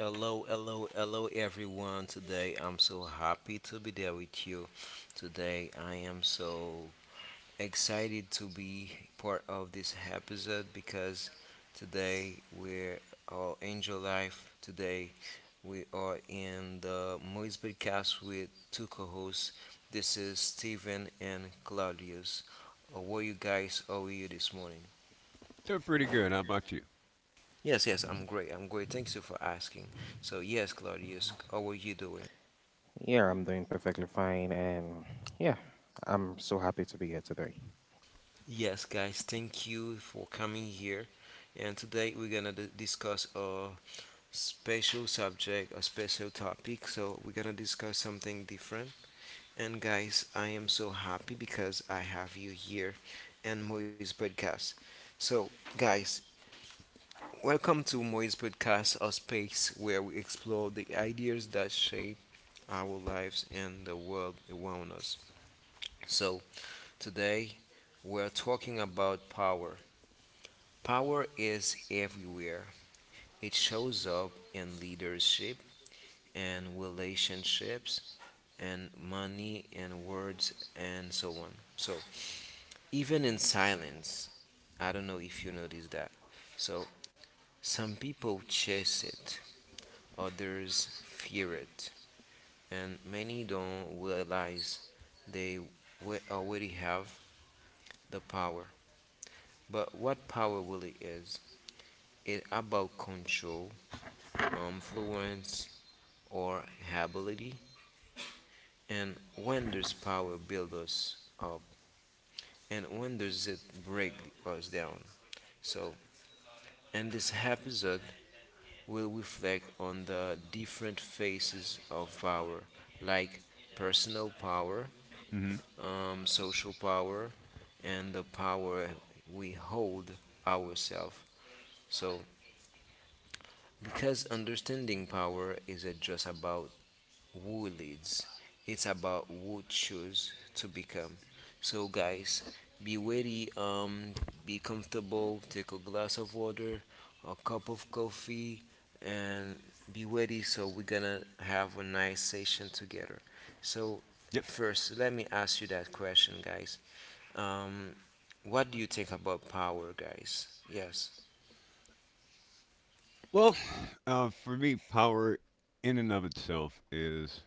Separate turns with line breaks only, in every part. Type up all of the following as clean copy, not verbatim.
Hello, hello, hello, everyone. Today I'm so happy to be there with you. Today I am so excited to be part of this episode because today we're all Angel Life. Today we are in the Moise podcast with two co hosts. This is Steven and Claudius. How are you guys? How are you this morning?
Doing pretty good. How about you?
Yes, yes, I'm great. I'm great. Thanks you for asking. So, yes, Claudius, how are you doing? Yes, guys, thank you for coming here. And today we're gonna discuss a special subject, a special topic. So we're gonna discuss something different. And guys, I am so happy because I have you here and Moise Podcast. So, guys, welcome to Moise Podcast, a space where we explore the ideas that shape our lives and the world around us. So, today we're talking about power. Power is everywhere. It shows up in leadership and relationships and money and words and so on. So, even in silence, I don't know if you notice that. So, some people chase it, others fear it, and many don't realize they we already have the power. But what power really is? It's about control, influence, or ability, and when does power build us up, and when does it break us down? So, in this episode, we'll reflect on the different phases of power, like personal power,
hmm
social power, and the power we hold ourselves. So, because understanding power isn't just about who leads. It's about who choose to become. So guys, be ready, be comfortable, take a glass of water, a cup of coffee, and be ready so we're gonna have a nice session together. So
Yep.
first let me ask you that question guys. Um what do you think about power guys? Yes.
Well, for me, power in and of itself is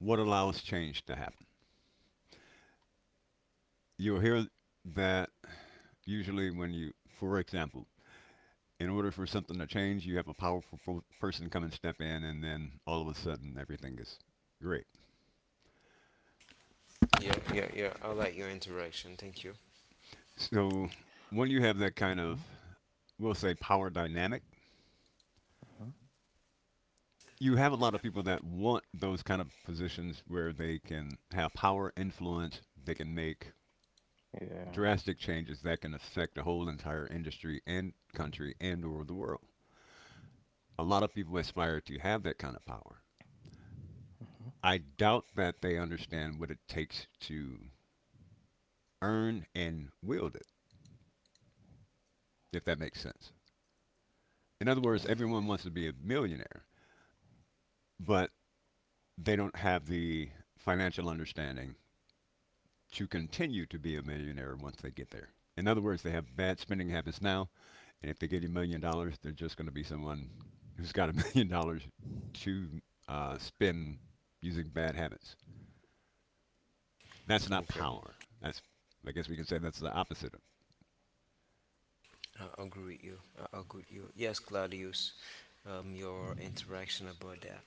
what allows change to happen. You'll hear that usually when you, for example, in order for something to change, you have a powerful person come and step in, and then all of a sudden everything is great.
Yeah, yeah, yeah. I like your interaction. Thank you.
So when you have that kind of, we'll say, power dynamic, you have a lot of people that want those kind of positions where they can have power, influence, they can make drastic changes that can affect the whole entire industry and country and or the world. A lot of people aspire to have that kind of power. I doubt that they understand what it takes to earn and wield it, if that makes sense. In other words, everyone wants to be a millionaire, but they don't have the financial understanding to continue to be a millionaire once they get there. In other words, they have bad spending habits now, and if they get $1 million, they're just going to be someone who's got a million dollars to spend using bad habits. That's not
Okay.
power. That's, I guess we can say that's the opposite of.
I agree with you. I agree with you. Yes, Claudius, your interaction about that.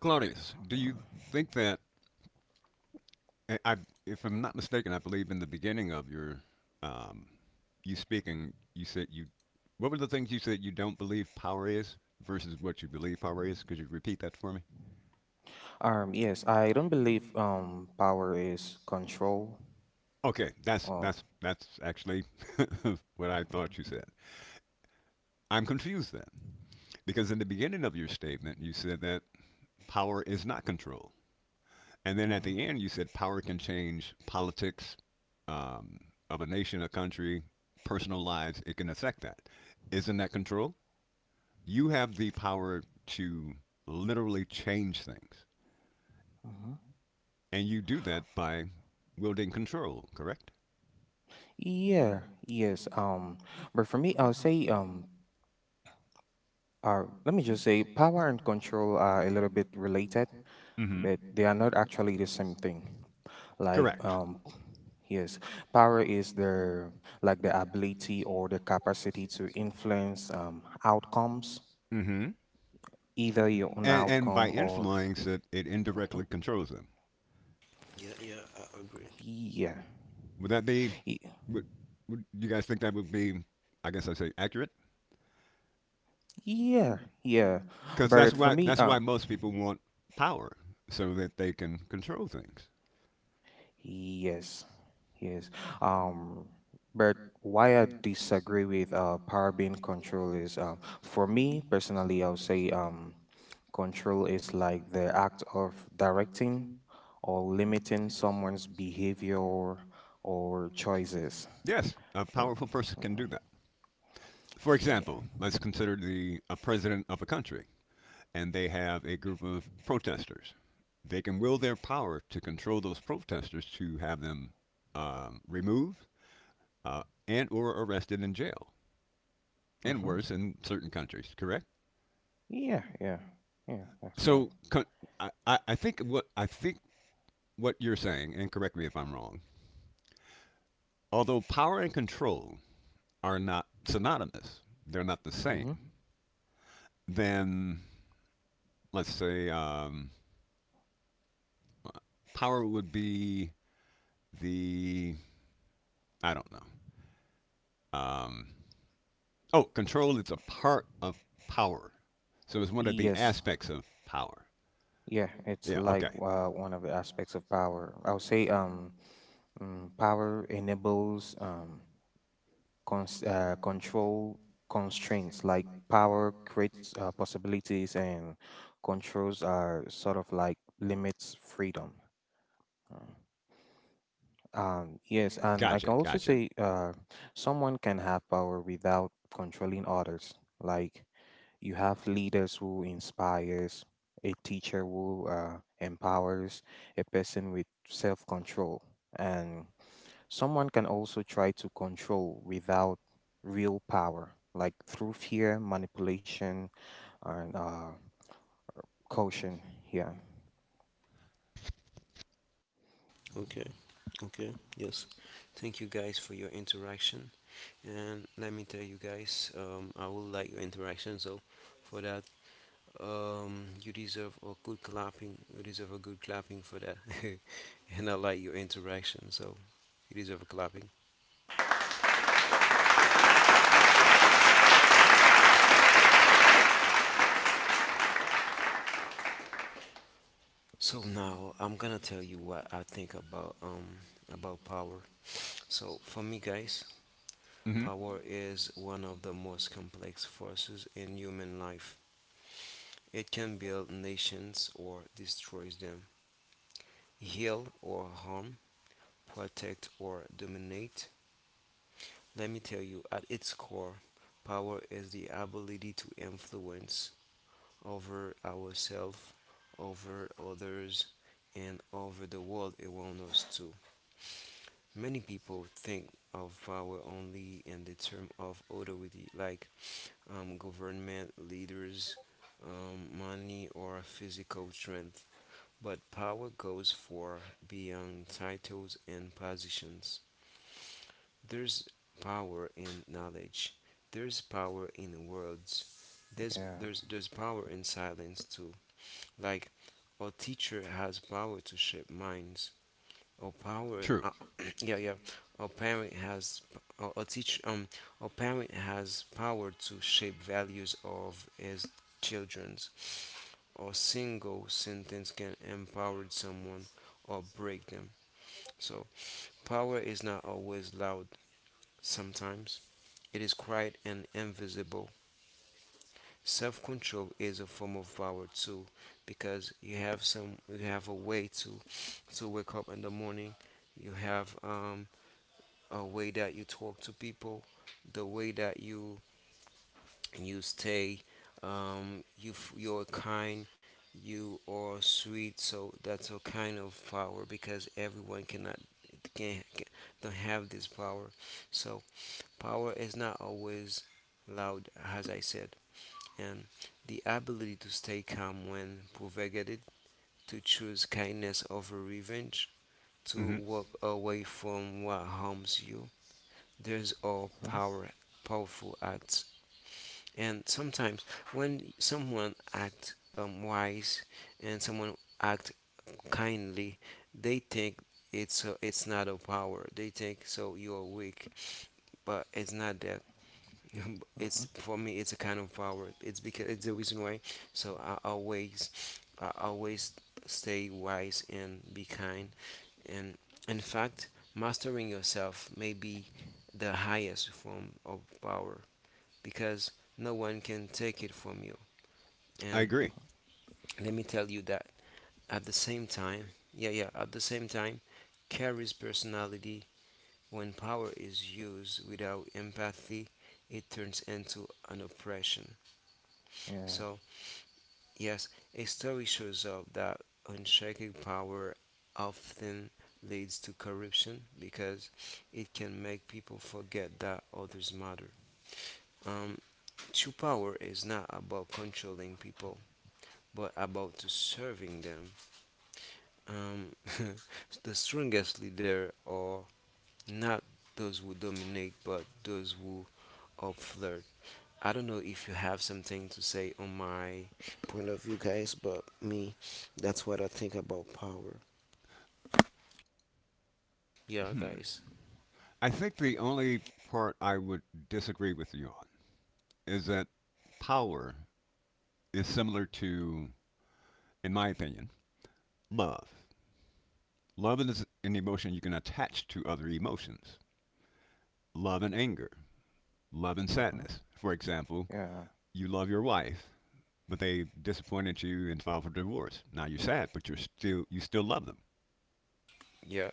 Claudius, do you think that I, if I'm not mistaken, I believe in the beginning of your um, you speaking, you said you what were the things you said you don't believe power is versus what you believe power is? Could you repeat that for me? Okay, that's actually what I thought you said. I'm confused then, because in the beginning of your statement you said that power is not control, and then at the end you said power can change politics um, of a nation, a country, personal lives. It can affect that. Isn't that control? You have the power to literally change things, and you do that by wielding control. Correct? Mm-hmm. Correct. Mm-hmm. And by influence, it indirectly controls them.
Yeah, yeah, I agree.
Would that be? Would, would you guys think that would be? I guess I say accurate because that's why most people want power so that they can control things. Yes, a powerful person can do that. For example, let's consider the a president of a country and they have a group of protesters. They can will their power to control those protesters to have them removed and or arrested in jail, and worse in certain countries. Correct. So co- I think what you're saying, and correct me if I'm wrong. Although power and control are not synonymous, they're not the same. Then let's say power would be the I don't know. Um, oh, control is a part of power, so it's one of the aspects of power. Yeah. Okay. Gotcha, gotcha.
Okay, okay, yes. Thank you guys for your interaction. And let me tell you guys, I will like your interaction. So for that, you deserve a good clapping. You deserve a good clapping for that. And I like your interaction. So you deserve a clapping. So now I'm gonna tell you what I think about power. So, for me, guys,
hmm
power is one of the most complex forces in human life. It can build nations or destroys them, heal or harm, protect or dominate. Let me tell you, at its core, power is the ability to influence over ourselves, over others, and over the world around us too. Many people think of power only in the term of authority, like government leaders, money, or physical strength. But power goes far beyond titles and positions. There's power in knowledge. There's power in words. There's power in silence too. Like a teacher has power to shape minds. Or parent
True.
Yeah, yeah, a parent has or a teach a parent has power to shape values of his children's. A single sentence can empower someone or break them. So power is not always loud. Sometimes it is quiet and invisible. Self-control is a form of power too, because you have a way to wake up in the morning. You have a way that you talk to people, the way that you stay, you're kind, you are sweet. So that's a kind of power because everyone cannot, can, can don't have this power. So power is not always loud, as I said, and the ability to stay calm when provocated, to choose kindness over revenge, to
hmm
walk away from what harms you, those are power, powerful acts. And sometimes when someone acts wise and someone act kindly, they think it's not a power. They think so you're weak, but it's not that. it's For me it's a kind of power. It's because it's the reason why, so I always stay wise and be kind. And in fact, mastering yourself may be the highest form of power because no one can take it from you.
I
And
agree.
let me tell you that at the same time, yeah, yeah, at the same time carries personality. When power is used without empathy, it turns into an oppression. So, yes, a story shows up that unshakable power often leads to corruption because it can make people forget that others matter. Um, true power is not about controlling people, but about to serving them. Um, the strongest leader are not those who dominate, but those who uplift. I don't know if you have something to say on my point of view, guys, but me, that's what I think about power. Yeah,
Hmm.
guys.
I think the only part I would disagree with you on is that power is similar to, in my opinion, love. Love is an emotion you can attach to other emotions. Love and anger, love and sadness. For example, you love your wife, but they disappointed you and filed for divorce. Now you're sad, but you still love them.
Yeah.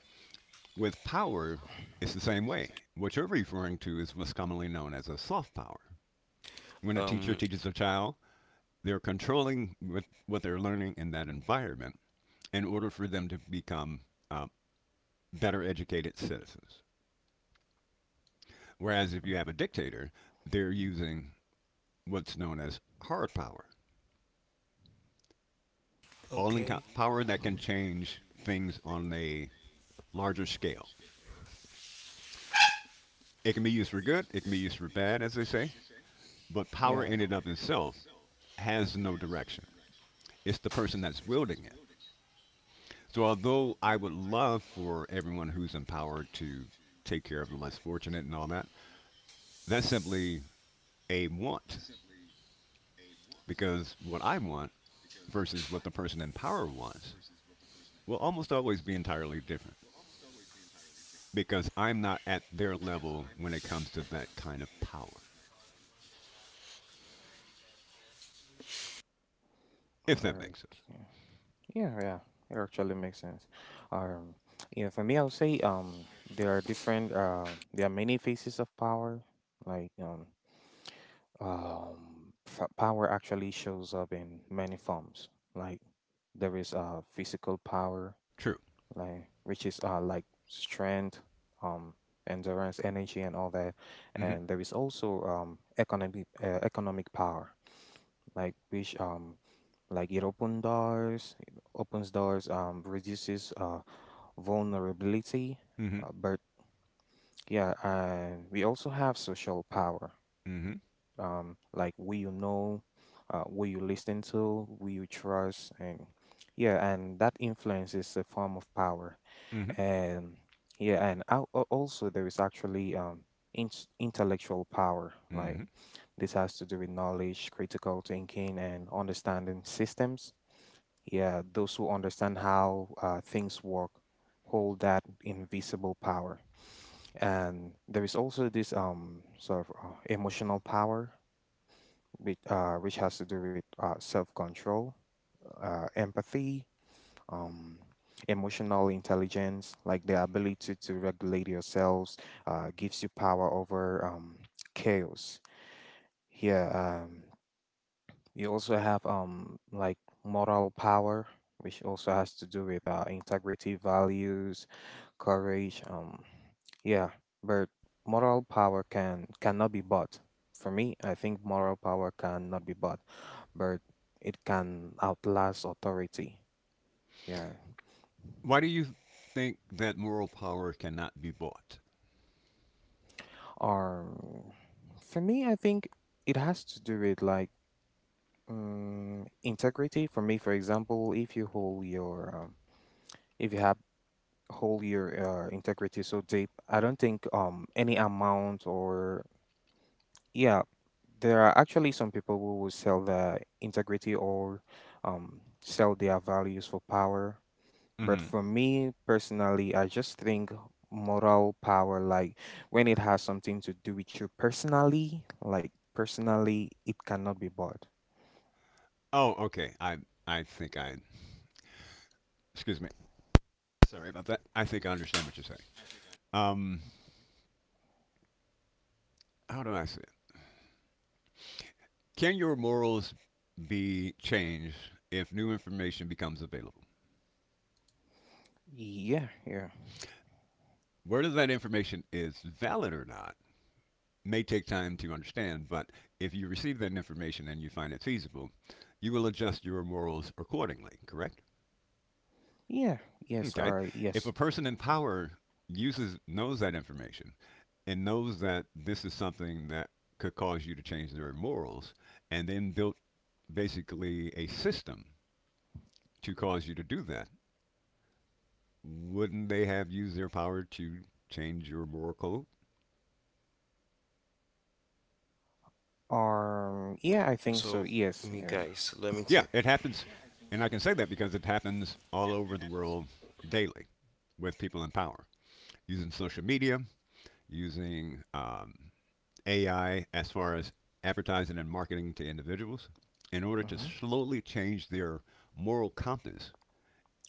With power, it's the same way. What you're referring to is what's commonly known as a soft power. When a teacher
Um.
teaches a child, they're controlling what they're learning in that environment in order for them to become uh, better educated citizens. Whereas if you have a dictator, they're using what's known as hard power, all
Okay.
power that can change things on a larger scale. It can be used for good, it can be used for bad, as they say, but power in and of itself has no direction. It's the person that's wielding it. So, although I would love for everyone who's in power to take care of the less fortunate and all that, that's simply a want because what I want versus what the person in power wants will almost always be entirely different because I'm not at their level when it comes to that kind of power, if that makes sense. True. hmm hmm hmm hmm hmm Why do you think that moral power cannot be bought? hmm Oh, okay. I think I, excuse me. Sorry about that. I think I understand what you're saying. Um, how do I say it? Can your morals be changed if new information becomes available? Whether that information is valid or not may take time to understand, but if you receive that information and you find it feasible, you will adjust your morals accordingly, correct? Okay. If a person in power uses knows that information and knows that this is something that could cause you to change their morals and then built basically a system to cause you to do that, wouldn't they have used their power to change your moral code?
So, me, guys, let me tell.
Yeah, it happens, and I can say that because it happens all over the world daily with people in power using social media, using AI as far as advertising and marketing to individuals in order to slowly change their moral compass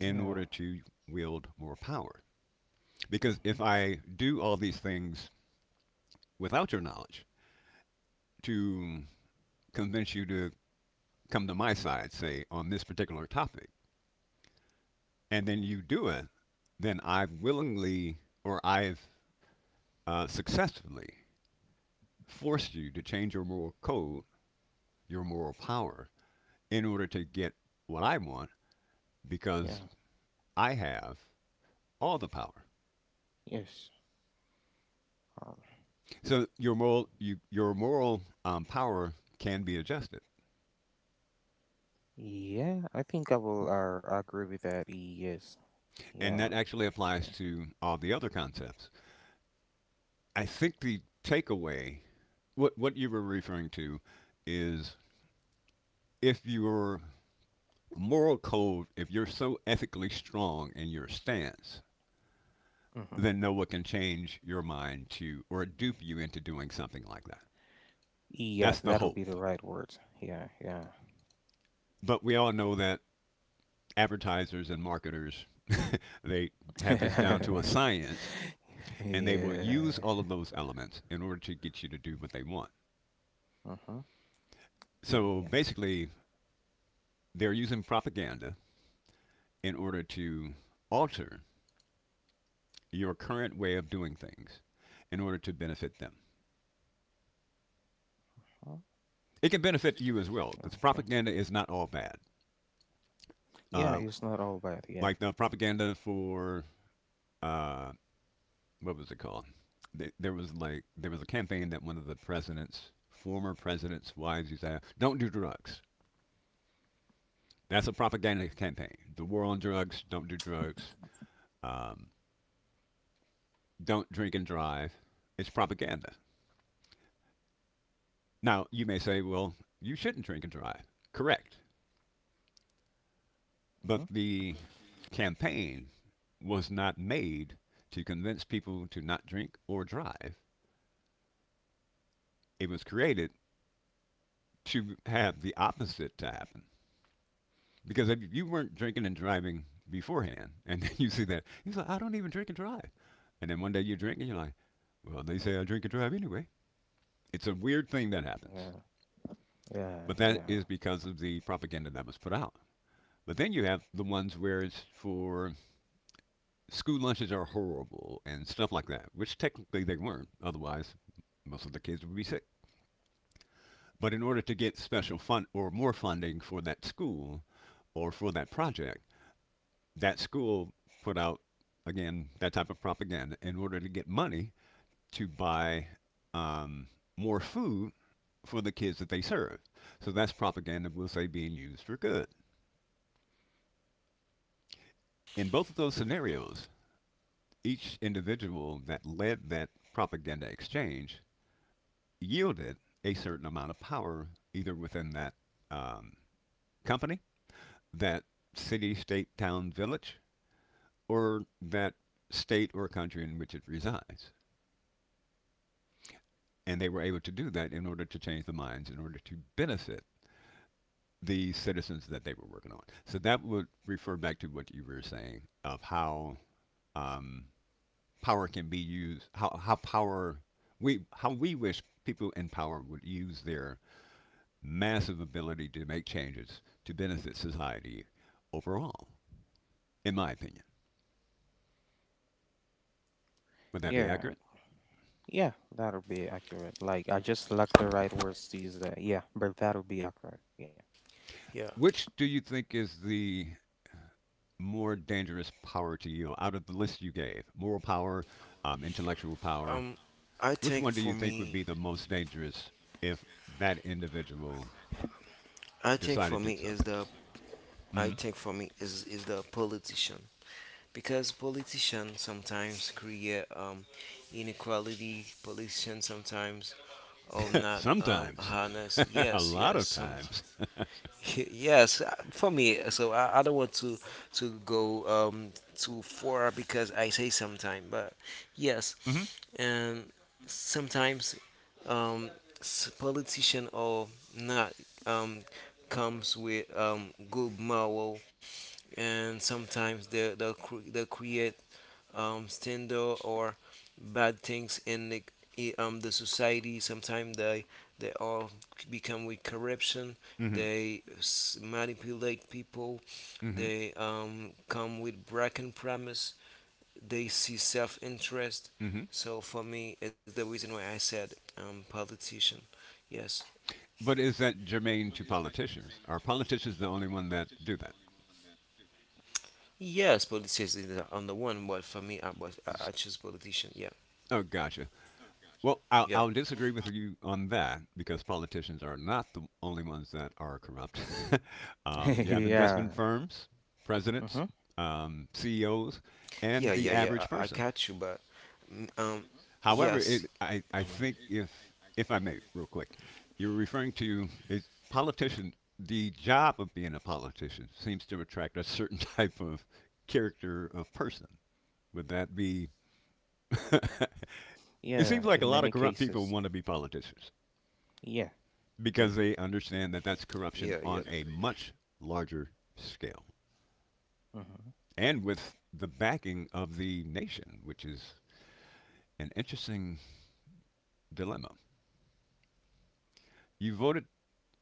in order to wield more power. Because if I do all these things without your knowledge to convince you to come to my side, say, on this particular topic, and then you do it, then I've willingly or I've successfully forced you to change your moral code, your moral power, in order to get what I want because I have all the power. So your moral power can be adjusted, and that actually applies to all the other concepts. I think the takeaway, what you were referring to, is if your moral code, if you're so ethically strong in your stance, then no one can change your mind to or dupe you into doing something like that. That's the hope. But we all know that advertisers and marketers they have this down to a science, and they will use all of those elements in order to get you to do what they want. So basically, they're using propaganda in order to alter your current way of doing things in order to benefit them. It can benefit you as well because propaganda is not all bad. Uh, like the propaganda for uh, what was it called? There was a campaign that one of the presidents, former presidents' wives used to have. Don't do drugs. That's a propaganda campaign. The war on drugs. Don't do drugs. Um, don't drink and drive. It's propaganda. Now you may say, well, you shouldn't drink and drive. Correct. But the campaign was not made to convince people to not drink or drive. It was created to have the opposite to happen because if you weren't drinking and driving beforehand, and then you see that, he's like, I don't even drink and drive. And then one day you drink and you're like, well, they say I drink and drive anyway. It's a weird thing that happens, but that is because of the propaganda that was put out. But then you have the ones where it's for school lunches are horrible and stuff like that, which technically they weren't. Otherwise, most of the kids would be sick. But in order to get special fund or more funding for that school or for that project, that school put out again that type of propaganda in order to get money to buy um, more food for the kids that they serve. So that's propaganda, we'll say, being used for good. In both of those scenarios, each individual that led that propaganda exchange yielded a certain amount of power either within that um, company, that city, state, town, village, or that state or country in which it resides. And they were able to do that in order to change the minds, in order to benefit the citizens that they were working on. So that would refer back to what you were saying of how um, power can be used, how we wish people in power would use their massive ability to make changes to benefit society overall. In my opinion, would that be accurate?
Yeah.
Which do you think is the more dangerous power to you out of the list you gave? Moral power, intellectual power,
Um. I
which
think
one do you
for
think would
me,
be the most dangerous if that individual
I think for
decided to
me
do
is
something?
the I
Mm-hmm.
think for me is the politician because politicians sometimes create inequality. Politicians sometimes are not
Sometimes,
harness.
a
Yes,
lot
yes.
of times.
Sometimes. Yes, for me, so I don't want to go too far because I say sometime, but yes,
Mm-hmm.
and sometimes um politician or not um comes with good moral, and sometimes they create scandal or bad things in the the society. Sometimes they all become with corruption.
Mm-hmm.
Manipulate people.
Mm-hmm.
They come with broken promise. They see self interest.
Mm-hmm.
So for me, it's the reason why I said politician. Yes,
But is that germane to politicians? Are politicians the only one that do that?
yes, politician is on the one, but for me, I choose politician. Yeah,
Oh, gotcha. Well,
yeah.
I'll disagree with you on that because politicians are not the only ones that are corrupt. You have investment firms, presidents, CEOs,
Yeah,
and the
yeah, yeah.
average
I
person.
catch you, but mm, um,
However,
yes,
I think if I may, real quick, you're referring to is politician. The job of being a politician seems to attract a certain type of character of person. Would that be? It seems like a lot of corrupt people want to be politicians because they understand that that's corruption
yeah, yeah,
on a much larger scale and with the backing of the nation, which is an interesting dilemma. You voted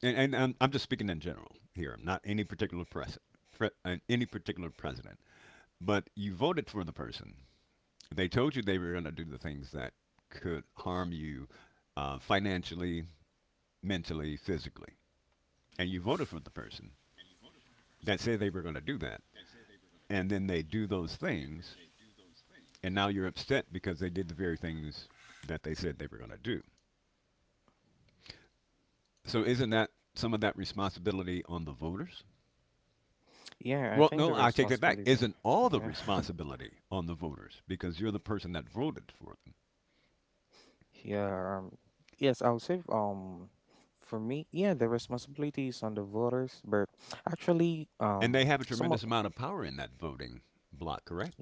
and I'm just speaking in general here. I'm not any particular any particular president, but you voted for the person. They told you they were going to do the things that could harm you financially, mentally, physically, and you voted for the person that said they were going to do that, and then they do those things, and now you're upset because they did the very things that they said they were going to do. So isn't that some of that responsibility on the voters? Well, no, I take that back. Isn't all the responsibility on the voters because you're the person that voted for them? And they have a tremendous amount of power in that voting block, correct?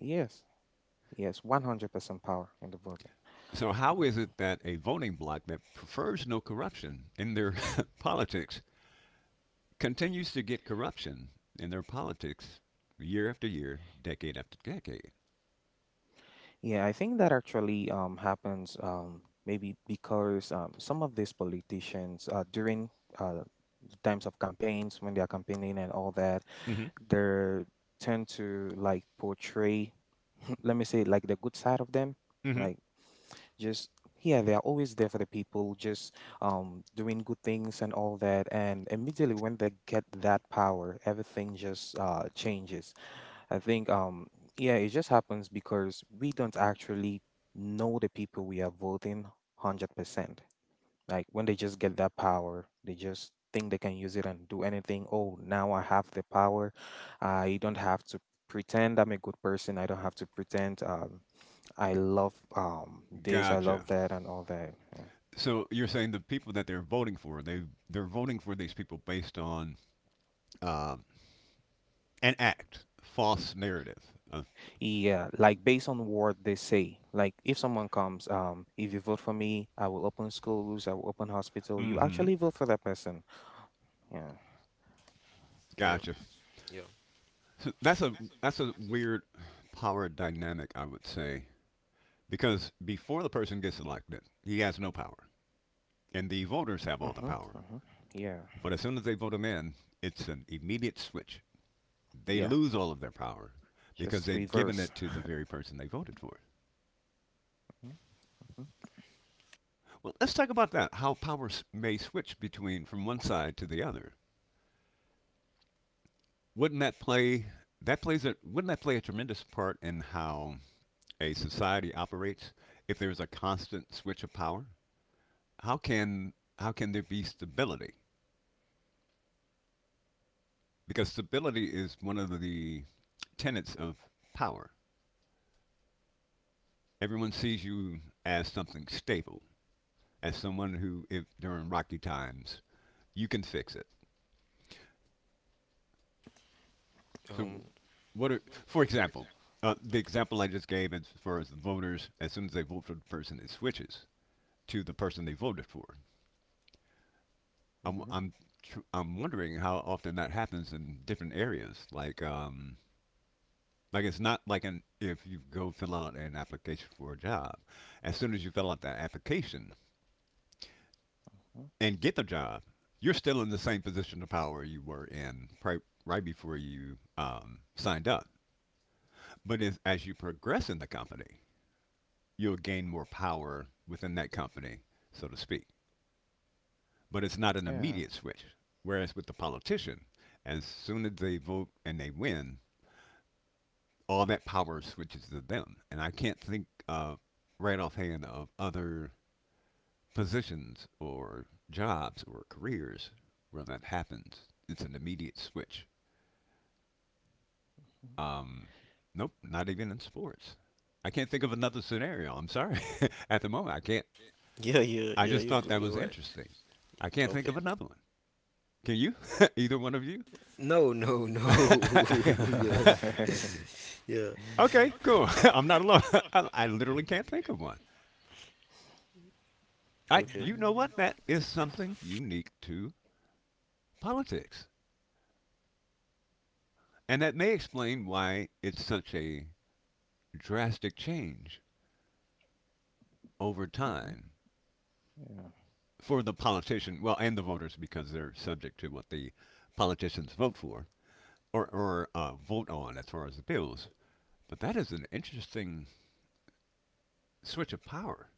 So, how is it that a voting bloc that prefers no corruption in their politics continues to get corruption in their politics year after year, decade after decade? Mm-hmm. Mm-hmm. Gotcha. So you're saying the people that they're voting for, they're voting for these people based on uh, an act, false narrative, a Mm-hmm.
yeah,
Gotcha.
yeah.
So that's a weird power dynamic, I would say, because before the person gets elected, he has no power, and the voters have all the power. But as soon as they vote him in, it's an immediate switch. They lose all of their power because they've given it to the very person they voted for. Well, let's talk about that. How power may switch between from one side to the other. Wouldn't that play that plays a wouldn't that play a tremendous part in how a society operates if there's a constant switch of power? How can how can there be stability? Because stability is one of the tenets of power. Everyone sees you as something stable, as someone who, if during rocky times, you can fix it. So,
Um,
what are, for example, the example I just gave as far as the voters, as soon as they vote for the person, it switches to the person they voted for. I'm I'm I'm wondering how often that happens in different areas. Like it's not like an if you go fill out an application for a job, as soon as you fill out that application and get the job, you're still in the same position of power you were in right before you signed up. But as you progress in the company, you'll gain more power within that company, so to speak. But it's not an immediate switch. Whereas with the politician, as soon as they vote and they win, all that power switches to them, and I can't think right offhand of other positions or jobs or careers where that happens. It's an immediate switch. Um, nope, not even in sports. I can't think of another scenario. I'm sorry. At the moment, I can't.
yeah, yeah,
I
yeah.
just thought that was
You're right.
interesting. I can't think
Okay.
of another one. Can you? Either one of you?
No, no, no. Yeah, yeah.
Okay, cool. I'm not alone. I literally can't think of one. I,
Okay.
you know what? That is something unique to politics. And that may explain why it's such a drastic change over time for the politician, well, and the voters because they're subject to what the politicians vote for or vote on as far as the bills. But that is an interesting switch of power.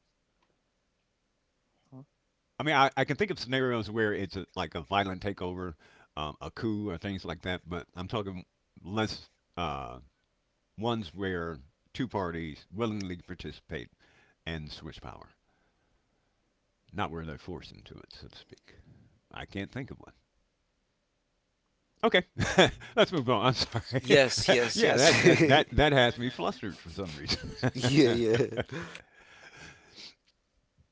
I mean, I can think of scenarios where it's a, like a violent takeover, a coup, or things like that, but I'm talking less uh, ones where two parties willingly participate and switch power, not where they're forced into it, so to speak. I can't think of one. Okay, let's move on. I'm sorry.
Yes, yes,
yeah,
yes.
that, that that that has me flustered for some reason.
Yeah, yeah.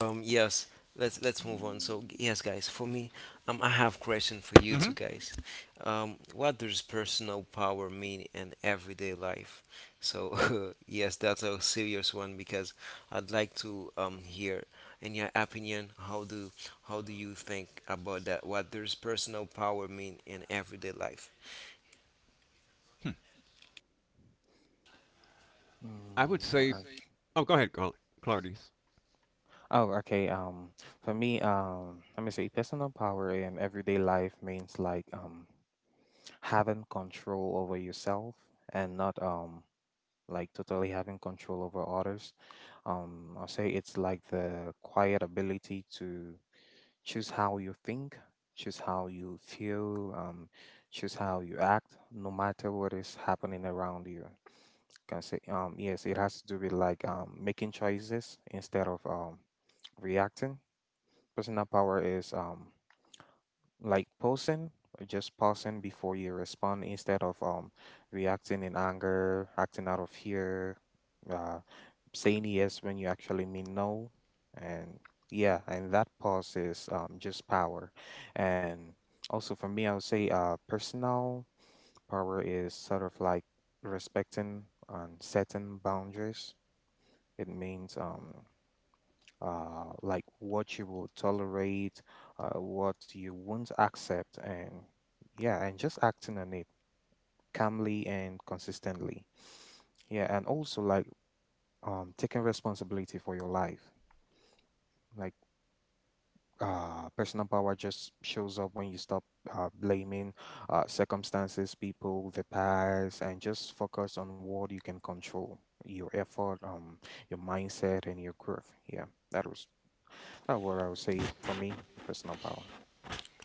Yes, let's move on. Yes, guys, for me, I have question for you two
Hmm.
guys. What does personal power mean in everyday life? So yes, that's a serious one because I'd like to hear in your opinion how do you think about that? What does personal power mean in everyday life?
I would say. Oh, go ahead, Claudius.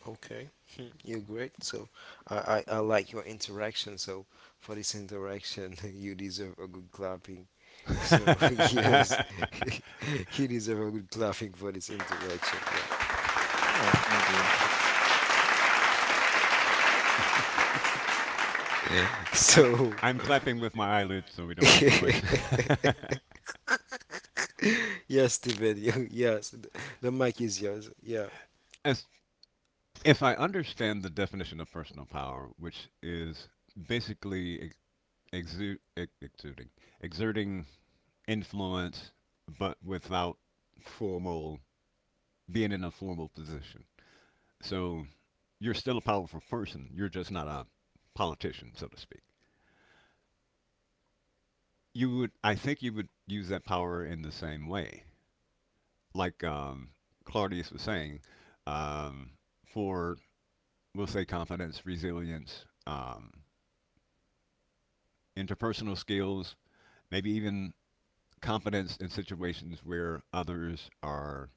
Okay, you're great. So I like your interaction. So for this interaction, you deserve a good clapping. So yes, he deserves a good clapping for this interaction. Yeah. So
I'm I'm clapping with my eyelids so we don't make noise.
yes, Steven. Yes, the mic is yours. Yeah.
As if I understand the definition of personal power, which is basically exuding, exerting influence, but without formal being in a formal position. So you're still a powerful person. You're just not a politician, so to speak. You would, I think, you would use that power in the same way, like Claudius was saying, um, for we'll say confidence, resilience, interpersonal skills, maybe even competence in situations where others are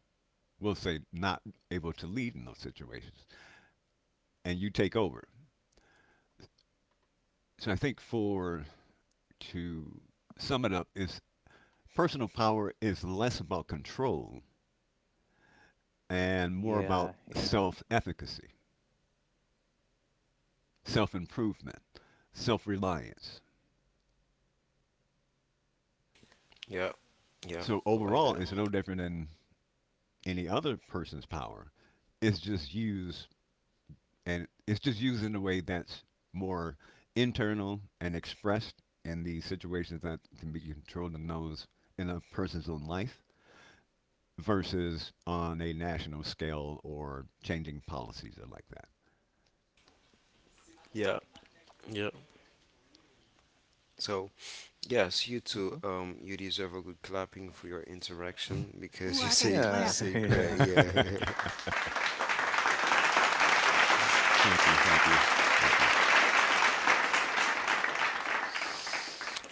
we'll say, not able to lead in those situations, and you take over. So I think for to sum it up is personal power is less about control and more about self-efficacy, self-improvement, self-reliance.
Yeah. Yeah.
So
I like
overall,
that.
it's no different than any other person's power. It's just used and it's just used in a way that's more internal and expressed in the situations that can be controlled in those in a person's own life versus on a national scale or changing policies or like that.
Yeah. Yeah. So yes, you too. You deserve a good clapping for your interaction
Ooh,
because
I got a
you
clap.
say great. Yeah.
Thank you, thank you, thank you.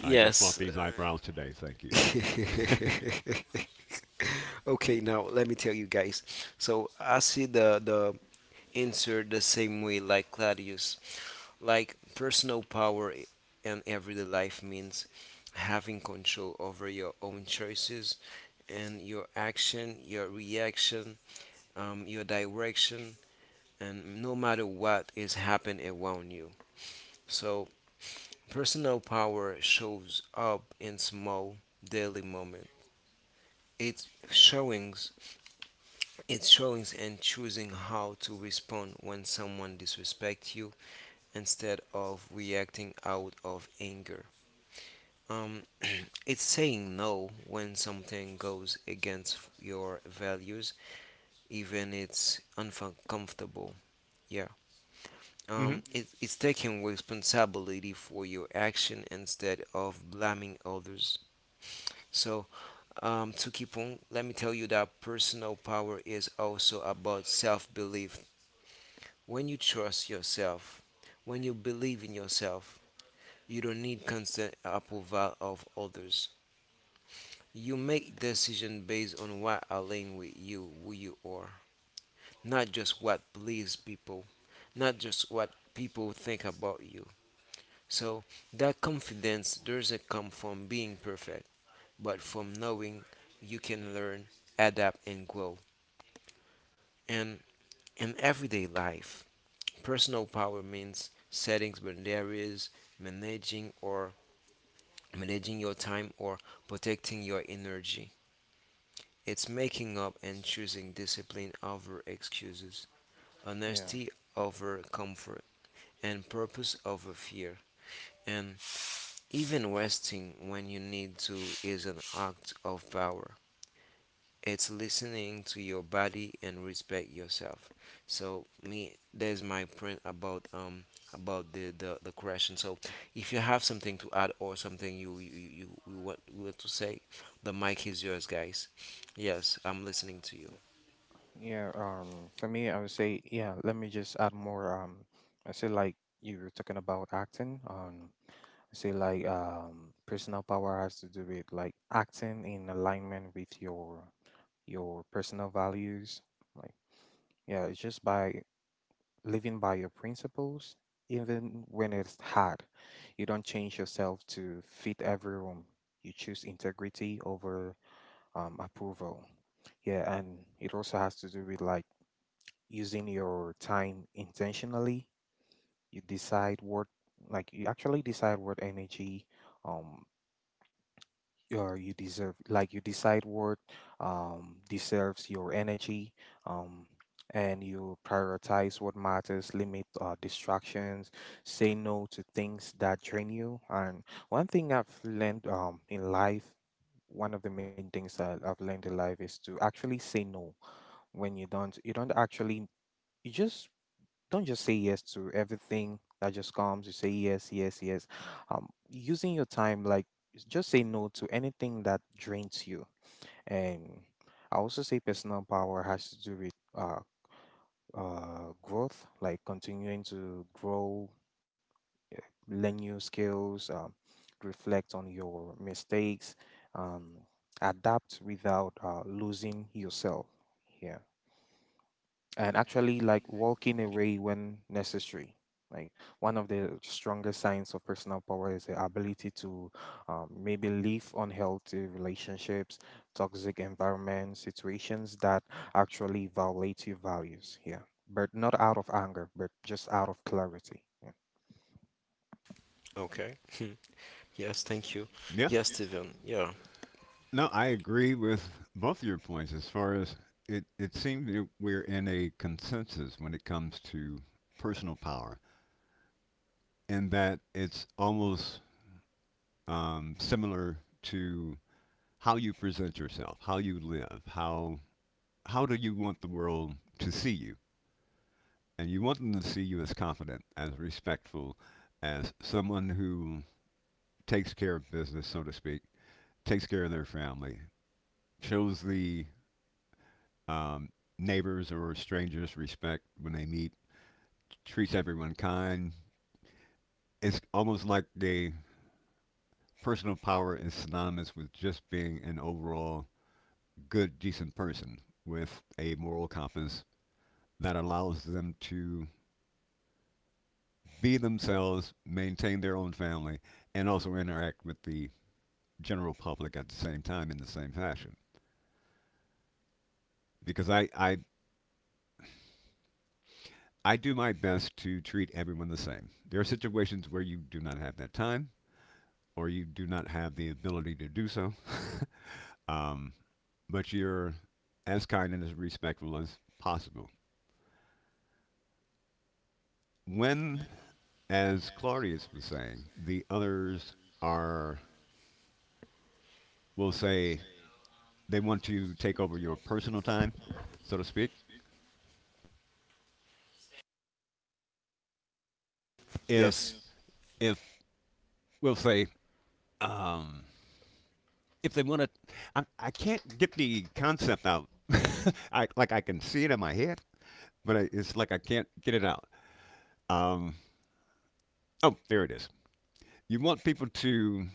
I just bought
Yes.
these eyebrows today. Thank you.
Okay, now let me tell you guys. So I see the answer the same way like Claudius. Like personal power in everyday life means having control over your own choices and your action, your reaction, your direction, and no matter what is happening around you. So personal power shows up in small daily moments. It's showings, it's showings and choosing how to respond when someone disrespects you instead of reacting out of anger. Um, it's saying no when something goes against your values, even it's uncomfortable. Yeah.
Hmm.
It's taking responsibility for your action instead of blaming others. So, to keep on, let me tell you that personal power is also about self belief. When you trust yourself, when you believe in yourself, you don't need constant approval of others. You make decisions based on what aligns with you, who you are, not just what pleases people, not just what people think about you. So that confidence doesn't come from being perfect, but from knowing you can learn, adapt, and grow. And in everyday life, personal power means setting boundaries, managing or managing your time or protecting your energy. It's making up and choosing discipline over excuses, honesty over comfort, and purpose over fear. And even resting when you need to is an act of power. It's listening to your body and respect yourself. So me, there's my print about the question. So if you have something to add or something you want to say, the mic is yours, guys. Yes, I'm listening to you. Okay. Yes, thank you.
Yeah.
Yes, Steven. Yeah.
No, I agree with both of your points as far as it, it seems that we're in a consensus when it comes to personal power, and that it's almost similar to how you present yourself, how you live, how do you want the world to see you? And you want them to see you as confident, as respectful, as someone who takes care of business, so to speak, takes care of their family, shows the Um, neighbors or strangers respect when they meet, treats everyone kind. It's almost like the personal power is synonymous with just being an overall good, decent person with a moral compass that allows them to be themselves, maintain their own family, and also interact with the general public at the same time in the same fashion. Because I do my best to treat everyone the same. There are situations where you do not have that time, or you do not have the ability to do so, um, but you're as kind and as respectful as possible. When, as Claudius was saying, the others are, will say, they want to take over your personal time, so to speak. If,
Yes.
if we'll say, um, if they want to, I can't get the concept out. I like I can see it in my head, but I, it's like I can't get it out. Um, oh, there it is. You want people to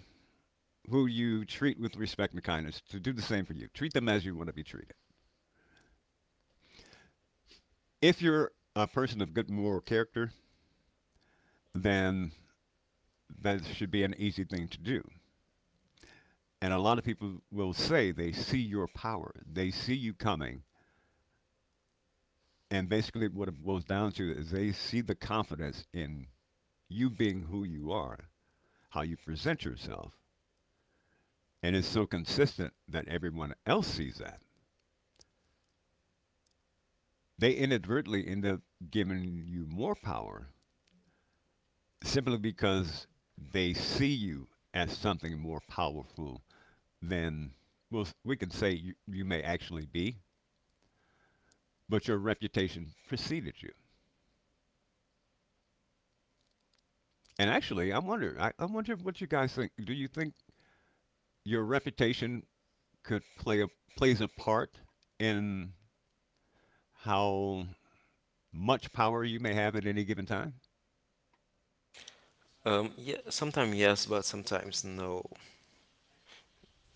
who you treat with respect and kindness to do the same for you. Treat them as you want to be treated. If you're a person of good moral character, then that should be an easy thing to do. And a lot of people will say they see your power, they see you coming, and basically what it boils down to is they see the confidence in you being who you are, how you present yourself, and it's so consistent that everyone else sees that. They inadvertently end up giving you more power simply because they see you as something more powerful than well, we can say you, you may actually be, but your reputation preceded you. And actually, I wonder, I wonder what you guys think. Do you think your reputation could plays a part in how much power you may have at any given time?
Yeah, sometimes yes, but sometimes no,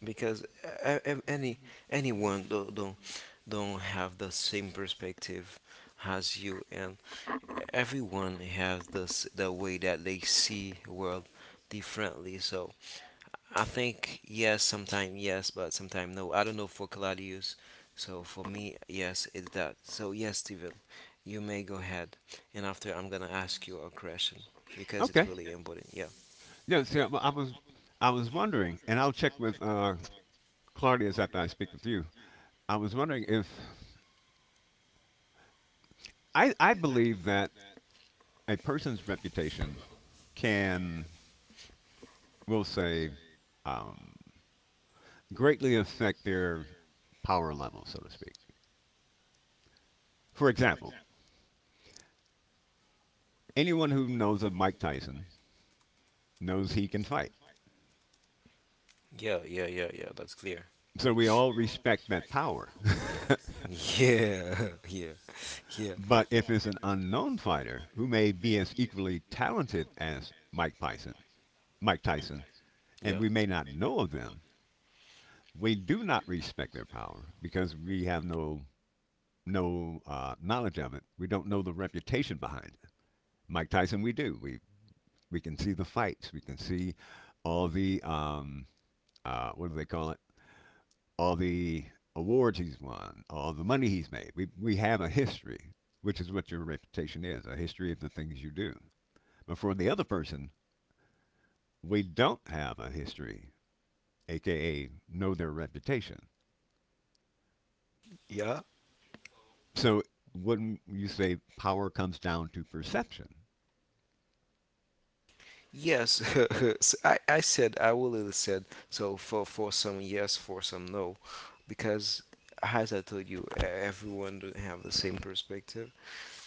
because anyone don't have the same perspective as you, and everyone has the way that they see world differently. So I think yes, sometime yes, but sometime no. I don't know for Claudius. So for me, yes, it's that. So yes, Steven, you may go ahead, and after I'm gonna ask you a question because it's
Okay.
really important. Yeah.
Yeah. See, I was wondering, and I'll check with Claudius after I speak with you. I was wondering if I believe that a person's reputation can, we'll say, um, greatly affect their power level, so to speak. For example, anyone who knows of Mike Tyson knows he can fight.
Yeah, yeah, yeah, yeah. That's clear.
So we all respect that power.
Yeah. Yeah. Yeah.
But if it's an unknown fighter who may be as equally talented as Mike Tyson, Mike Tyson, and
Yeah.
we may not know of them, we do not respect their power because we have no knowledge of it. We don't know the reputation behind Mike Tyson, we do. We can see the fights. We can see all the what do they call it? All the awards he's won, all the money he's made. We have a history, which is what your reputation is, a history of the things you do. But for the other person, we don't have a history, aka know their reputation.
Yeah.
So wouldn't you say power comes down to perception?
Yes. So I said I will really said so for some yes for some no, because as I told you, everyone don't have the same perspective.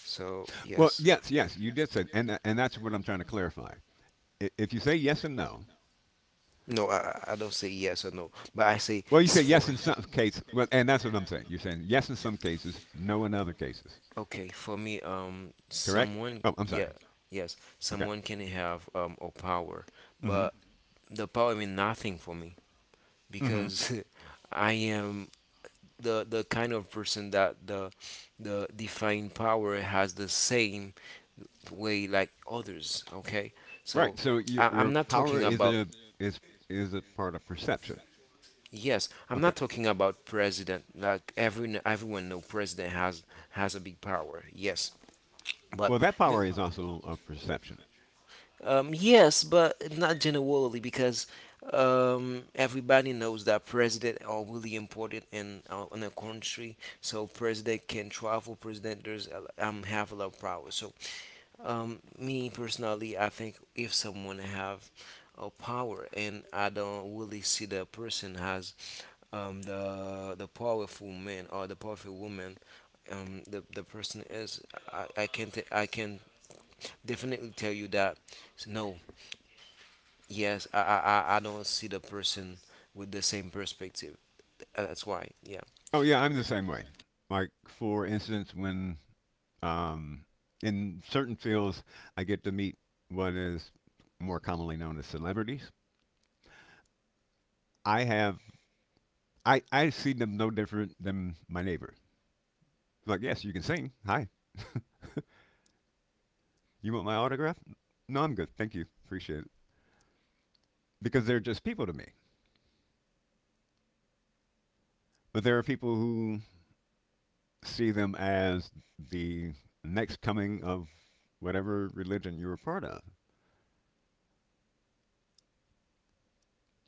So
Well,
yes,
yes, yes, you did say, and and that's what I'm trying to clarify. If you say yes and no,
no, I don't say yes or no, but I say
well, you
s-
say yes
for
in some cases, well, and that's what I'm saying. You're saying yes in some cases, no in other cases.
okay for me
Correct?
someone
Oh, I'm
yeah
sorry.
sometimes no. Yes
Okay.
someone can have a power,
Mm-hmm.
but hmm the power mean nothing for me
Mm-hmm.
because I am the kind of person that the divine power has the same way like others. Okay,
Right.
so
So your,
I'm
your
not
power
talking
is
about
a is is a part of perception.
yes I'm
Okay.
not talking about president like everyone know president has a big power yes but
Well, that
the-
power is also a perception.
yes, but not generally because everybody knows that president are really important in a country. So president can travel. President have a lot of power. So um, me personally, I think if someone have a power and I don't really see the person has the powerful man or the powerful woman, the person is, I can definitely tell you that no, yes, I don't see the person with the same perspective. That's why, yeah.
Oh yeah, I'm the same way. Like for instance, when um, in certain fields, I get to meet what is more commonly known as celebrities. I have I see them no different than my neighbor. Like, yes, you can sing. Hi. You want my autograph? No, I'm good. Thank you. Appreciate it. Because they're just people to me. But there are people who see them as the next coming of whatever religion you are a part of.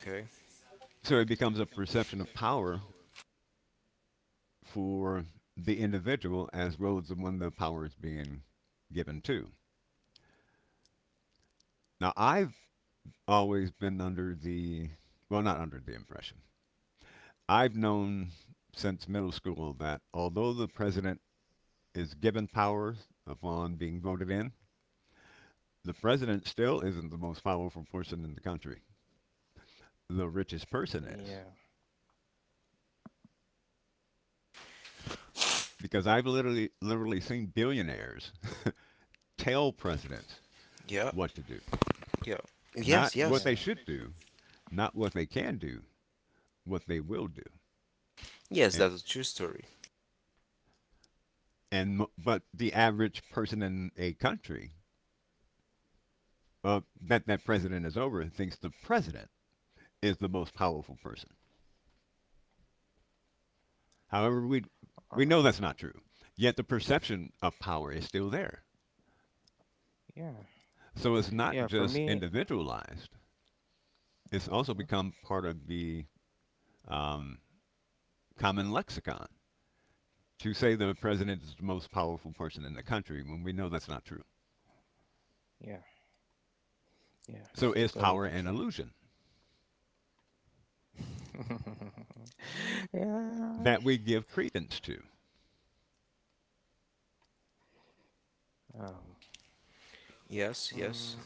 Okay.
So it becomes a perception of power for the individual as well as the one the power is being given to. Now, I've always been under the, well, not under the impression. I've known since middle school that although the president is given powers upon being voted in, the president still isn't the most powerful person in the country. The richest person
Yeah,
is. Because I've literally seen billionaires tell presidents
Yeah.
what to do.
Yeah.
Not
Yes.
what
Yes.
they
yeah,
should do, not what they can do, what they will do.
Yes.
And,
That's a true story.
and but the average person in a country uh, that president is over thinks the president is the most powerful person. However, we
uh,
know that's not true. Yet the perception of power is still there.
yeah,
So it's
yeah.
not
For
just
me,
individualized, it's also
uh
become part of the um, common lexicon, to say the president is the most powerful person in the country when we know that's not true.
yeah, yeah,
So
it's
is
totally
power an
natural.
illusion
yeah.
that we give credence to?
Um,
Yes. Yes.
mm,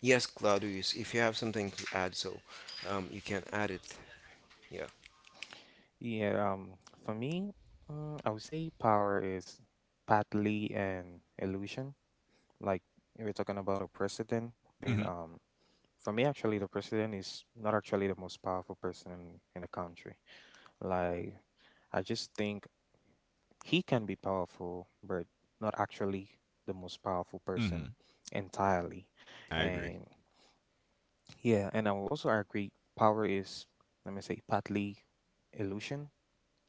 Yes, Claudius, if you have something to add, so you can add it. Yeah,
yeah. Um, for me, I would say power is partly an illusion. Like if we're talking about a president being,
Hmm.
for me, actually, the president is not actually the most powerful person in the country. Like, I just think he can be powerful, but not actually the most powerful
Hmm.
person entirely.
I agree.
And yeah, and I will also agree power is, let me say, partly illusion,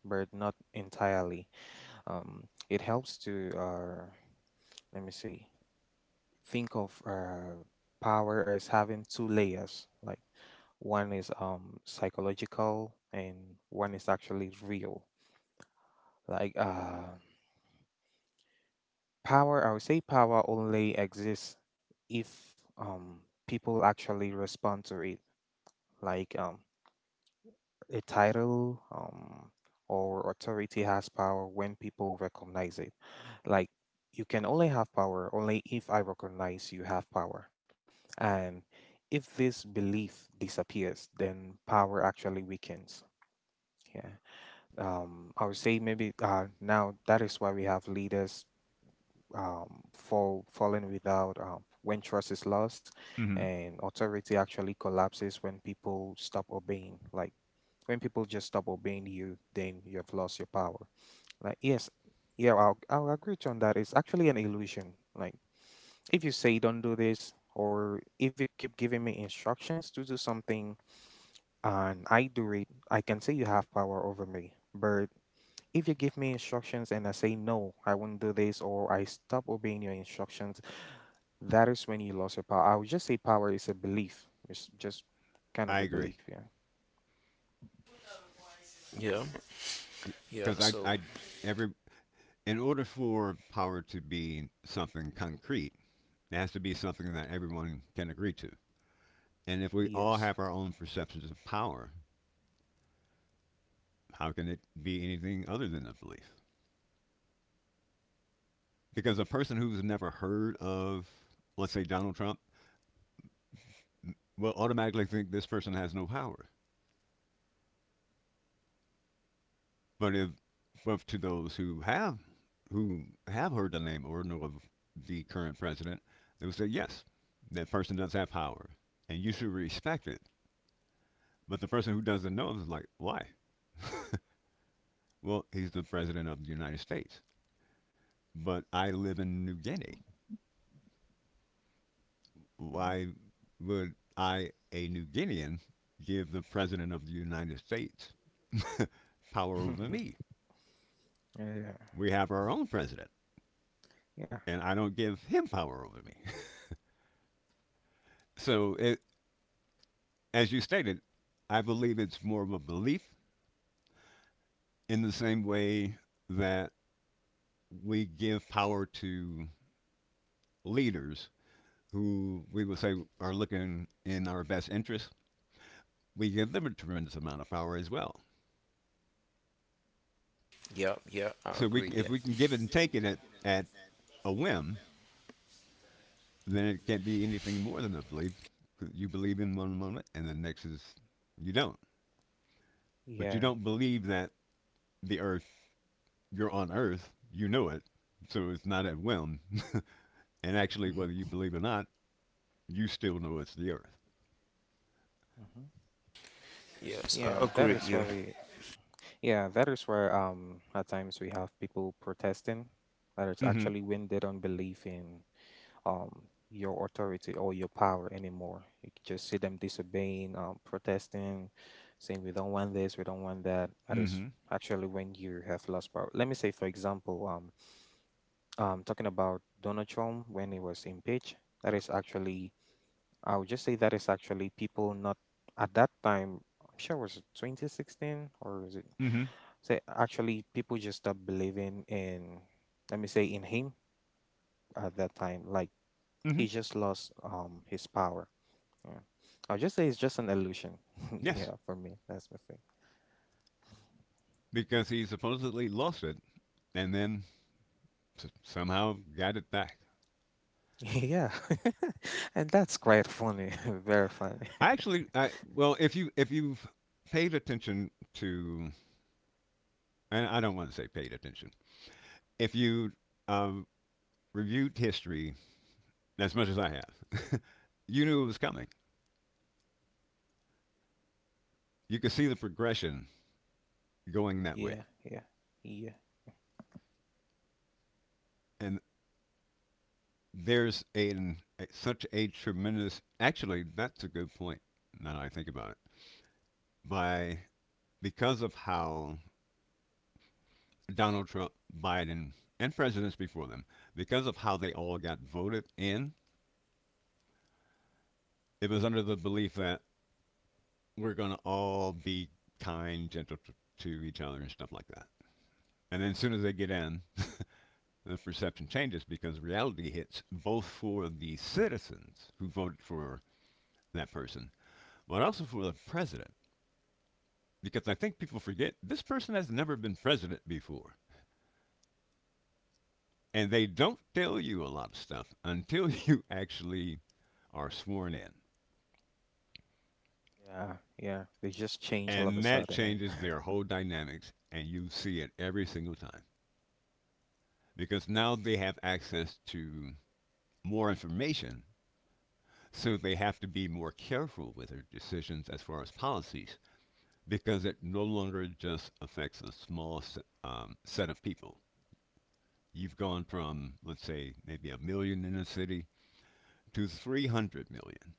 but not entirely. Um, it helps to, let me say, think of power as having two layers. Like one is psychological and one is actually real. Like, power, I would say power only exists if people actually respond to it. Like um, a title, or authority, has power when people recognize it. Like you can only have power only if I recognize you have power. And if this belief disappears, then power actually weakens. Yeah. I would say maybe now that is why we have leaders, falling without, when trust is lost,
Hmm.
and authority actually collapses when people stop obeying. Like when people just stop obeying you, then you have lost your power. Like yes, yeah, I'll agree to on that. It's actually an illusion. Like if you say don't do this, or if you keep giving me instructions to do something and I do it, I can say you have power over me. But if you give me instructions and I say no, I won't do this, or I stop obeying your instructions, that is when you lost your power. I would just say power is a belief. It's just kind
I
of a
agree.
belief, yeah.
yeah, yeah.
Because
So,
every, in order for power to be something concrete, it has to be something that everyone can agree to. And if we all
Yes.
have our own perceptions of power, how can it be anything other than a belief? Because a person who's never heard of, let's say, Donald Trump, will automatically think this person has no power. But if, but to those who have heard the name or know of the current president, they will say, yes, that person does have power, and you should respect it. But the person who doesn't know is like, why? Well, he's the president of the United States, but I live in New Guinea. Why would I, a New Guinean, give the President of the United States power over me?
yeah.
We have our own president,
Yeah.
and I don't give him power over me. So, it, as you stated, I believe it's more of a belief in the same way that we give power to leaders who we would say are looking in our best interest. We give them a tremendous amount of power as well.
yeah, yeah, I
So
agree
if
there.
we can give it and take it at a whim, then it can't be anything more than a belief. You believe in one moment, and the next is you don't. But you
Yeah.
don't believe that the earth, you're on earth, you know it, so it's not at whim. And actually, whether you believe or not, you still know it's the earth.
hmm.
Yes, I
Yeah, that
agree.
is
Yeah,
why we yeah, that is where, at times, we have people protesting, that it's
Mm
actually when they don't believe in, your authority or your power anymore. You can just see them disobeying, protesting, saying we don't want this, we don't want that. That
hmm. Mm
is
hmm.
actually when you have lost power. Let me say for example, talking about Donald Trump when he was impeached. That is actually, I would just say that is actually people not at that time. I'm sure it was 2016 or is it?
Mm hmm.
Say actually, people just stopped believing in. Let me say in him at that time. Like
Mm hmm.
he just lost his power. Yeah, I'll just say it's just an illusion.
Yes.
yeah, for me, that's my thing.
Because he supposedly lost it and then somehow got it back.
yeah, and that's quite funny. Very funny.
I actually, I, well, if, you, if you've paid attention to, and I don't want to say paid attention, if you um, reviewed history as much as I have, you knew it was coming. You could see the progression going that way.
yeah, yeah, yeah.
And there's a such a tremendous, actually that's a good point now that I think about it. By because of how Donald Trump, Biden, and presidents before them, because of how they all got voted in, it was under the belief that we're going to all be kind, gentle to each other, and stuff like that. And then as soon as they get in, the perception changes because reality hits both for the citizens who voted for that person, but also for the president. Because I think people forget this person has never been president before. And they don't tell you a lot of stuff until you actually are sworn in.
Yeah, yeah. They just change all
And
of a
that
sudden and
changes their whole dynamics, and you see it every single time. Because now they have access to more information, so they have to be more careful with their decisions as far as policies because it no longer just affects a small set of people. You've gone from, let's say, maybe a million in a city to 300 million.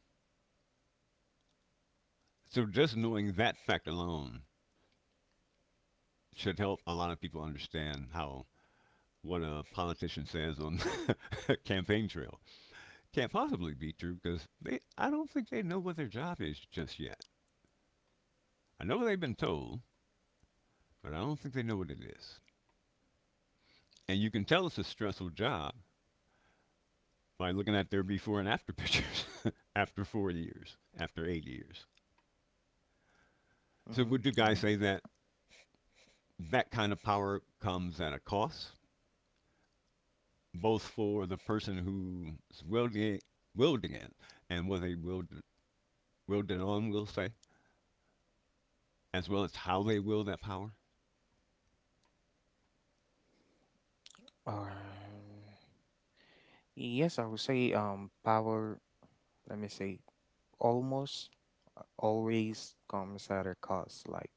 So just knowing that fact alone should help a lot of people understand how what a politician says on campaign trail can't possibly be true because they I don't think they know what their job is just yet. I know they've been told, but I don't think they know what it is. And you can tell it's a stressful job by looking at their before and after pictures after 40 years, after 80 years.
hmm
So, would you
yeah.
guys say that that kind of power comes at a cost, both for the person who's wielding it and what they wield it on, we'll say, as well as how they wield that power?
Um, yes, I would say power, let me say, almost always comes at a cost. Like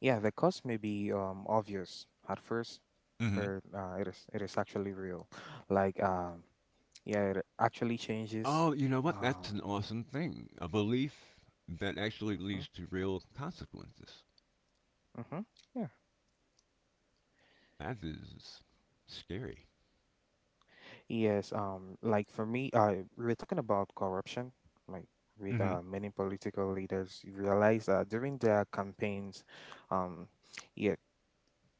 yeah, the cost may be obvious at first,
Mm-hmm.
but it is actually real. Like um yeah, it actually changes
Oh, you know what?
uh
That's an awesome thing. A belief that actually
mhm,
leads to real consequences.
mhm, yeah.
That is scary.
Yes, like for me, we're talking about corruption, like with
Mm-hmm.
many political leaders. You realize that during their campaigns, um, yeah,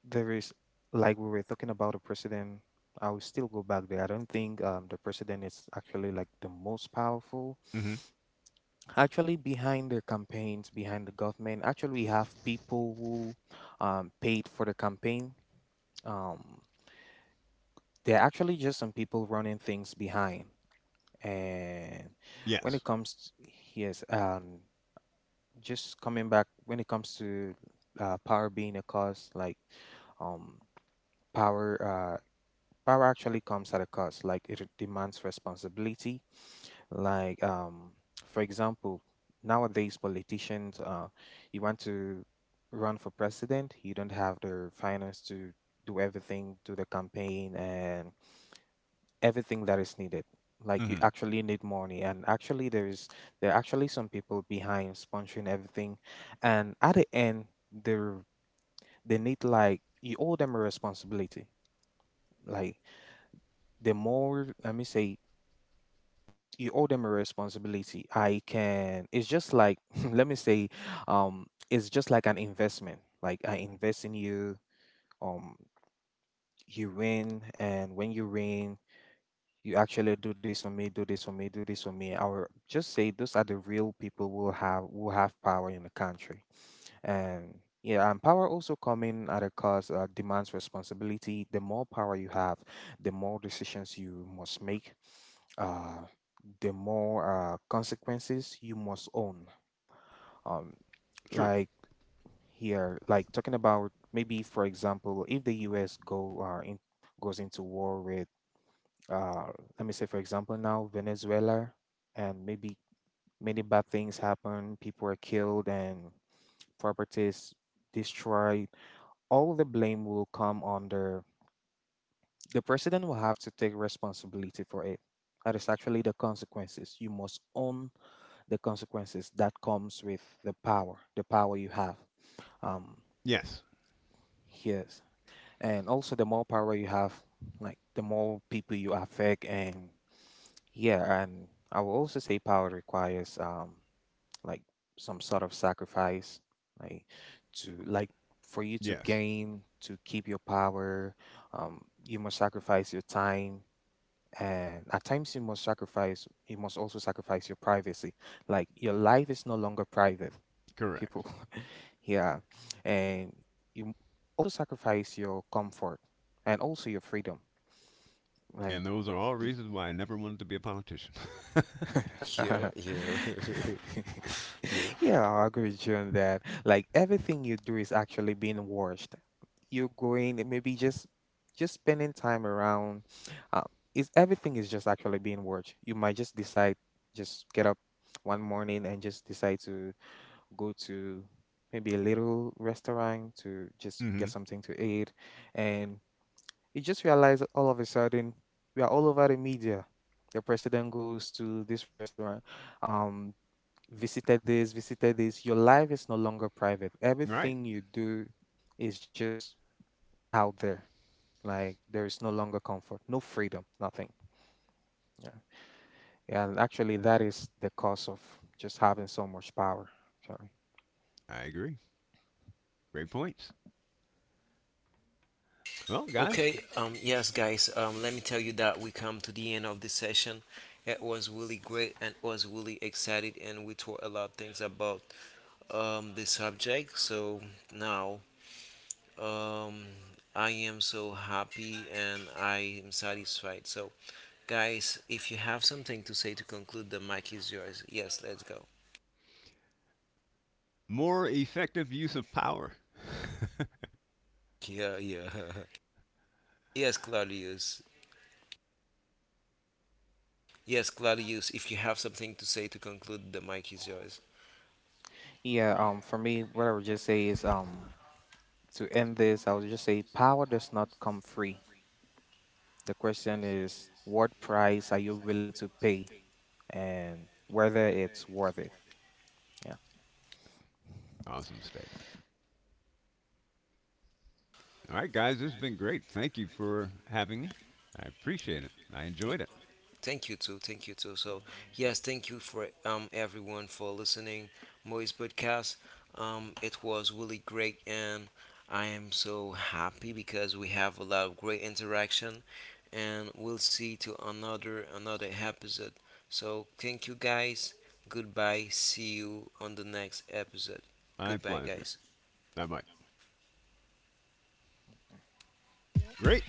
there is like we were talking about the president. I will still go back there. I don't think the president is actually like the most powerful.
Mm-hmm.
Actually, behind the campaigns, behind the government, actually we have people who, paid for the campaign. Um, there are actually just some people running things behind. And when it
Yes.
comes, t- yes, just coming back when it comes to power being a cost, like um, power, uh, power actually comes at a cost. Like it demands responsibility. Like um, for example, nowadays politicians, you want to run for president, you don't have the finance to do everything, do the campaign, and everything that is needed. Like you
Mm-hmm.
actually need money, and actually there are actually some people behind sponsoring everything, and at the end they they need, like you owe them a responsibility. Like the more Let me say you owe them a responsibility. I can. It's just like let me say, it's just like an investment. Like I invest in you. Um, you win, and when you win, you actually do this for me, do this for me, do this for me. I will just say those are the real people who have power in the country. And yeah, and power also coming at a cost, demands responsibility. The more power you have, the more decisions you must make, uh, the more, consequences you must own. Um,
True.
like here, like talking about maybe for example, if the U.S. goes into war with, uh, let me say, for example, now Venezuela, and maybe many bad things happen, people are killed, and properties destroyed. All the blame will come under, the president will have to take responsibility for it. That is actually the consequences. You must own the consequences that comes with the power you have. Um,
Yes.
yes, and also the more power you have, like the more people you affect. And yeah, and I will also say power requires like some sort of sacrifice, like like for you to
Yes.
gain, to keep your power. You must sacrifice your time, and at times You must also sacrifice your privacy. Like your life is no longer private,
Correct.
people. yeah, and you also sacrifice your comfort and also your freedom. Like
And those are all reasons why I never wanted to be a politician.
yeah, yeah, yeah.
yeah, I agree with you on that. Like everything you do is actually being watched. You're going maybe just spending time around. Uh, is Everything is just actually being watched. You might just decide, just get up one morning and just decide to go to maybe a little restaurant to just
Hmm.
get something to eat, and you just realize all of a sudden we are all over the media. The president goes to this restaurant, um, visited this, visited this. Your life is no longer private.
Right.
Everything you do is just out there. Like there is no longer comfort, no freedom, nothing. Yeah. Yeah, and actually that is the cause of just having so much power. Sorry.
I agree. Great points. Well, guys,
Okay, yes, guys, let me tell you that we come to the end of the session. It was really great and was really excited, and we talked a lot of things about the subject. So now um, I am so happy and I am satisfied. So, guys, if you have something to say to conclude, the mic is yours. Yes, let's go.
more effective use of power.
Yeah, yeah. Yes, Claudius. Yes, Claudius, if you have something to say to conclude, the mic is yours.
Yeah, for me, what I would just say is, to end this, I would just say power does not come free. The question is, what price are you willing to pay, and whether it's worth it? Yeah.
Awesome statement. All right, guys, this has been great. Thank you for having me. I appreciate it. I enjoyed it.
Thank you too. Thank you too. So
Uh, so-
yes, thank you for everyone for listening Moise podcast. It was really great, and I am so happy because we have a lot of great interaction, and we'll see to another episode. So thank you guys. Goodbye. See you on the next episode.
My
Goodbye,
pleasure.
guys.
Bye bye. Great.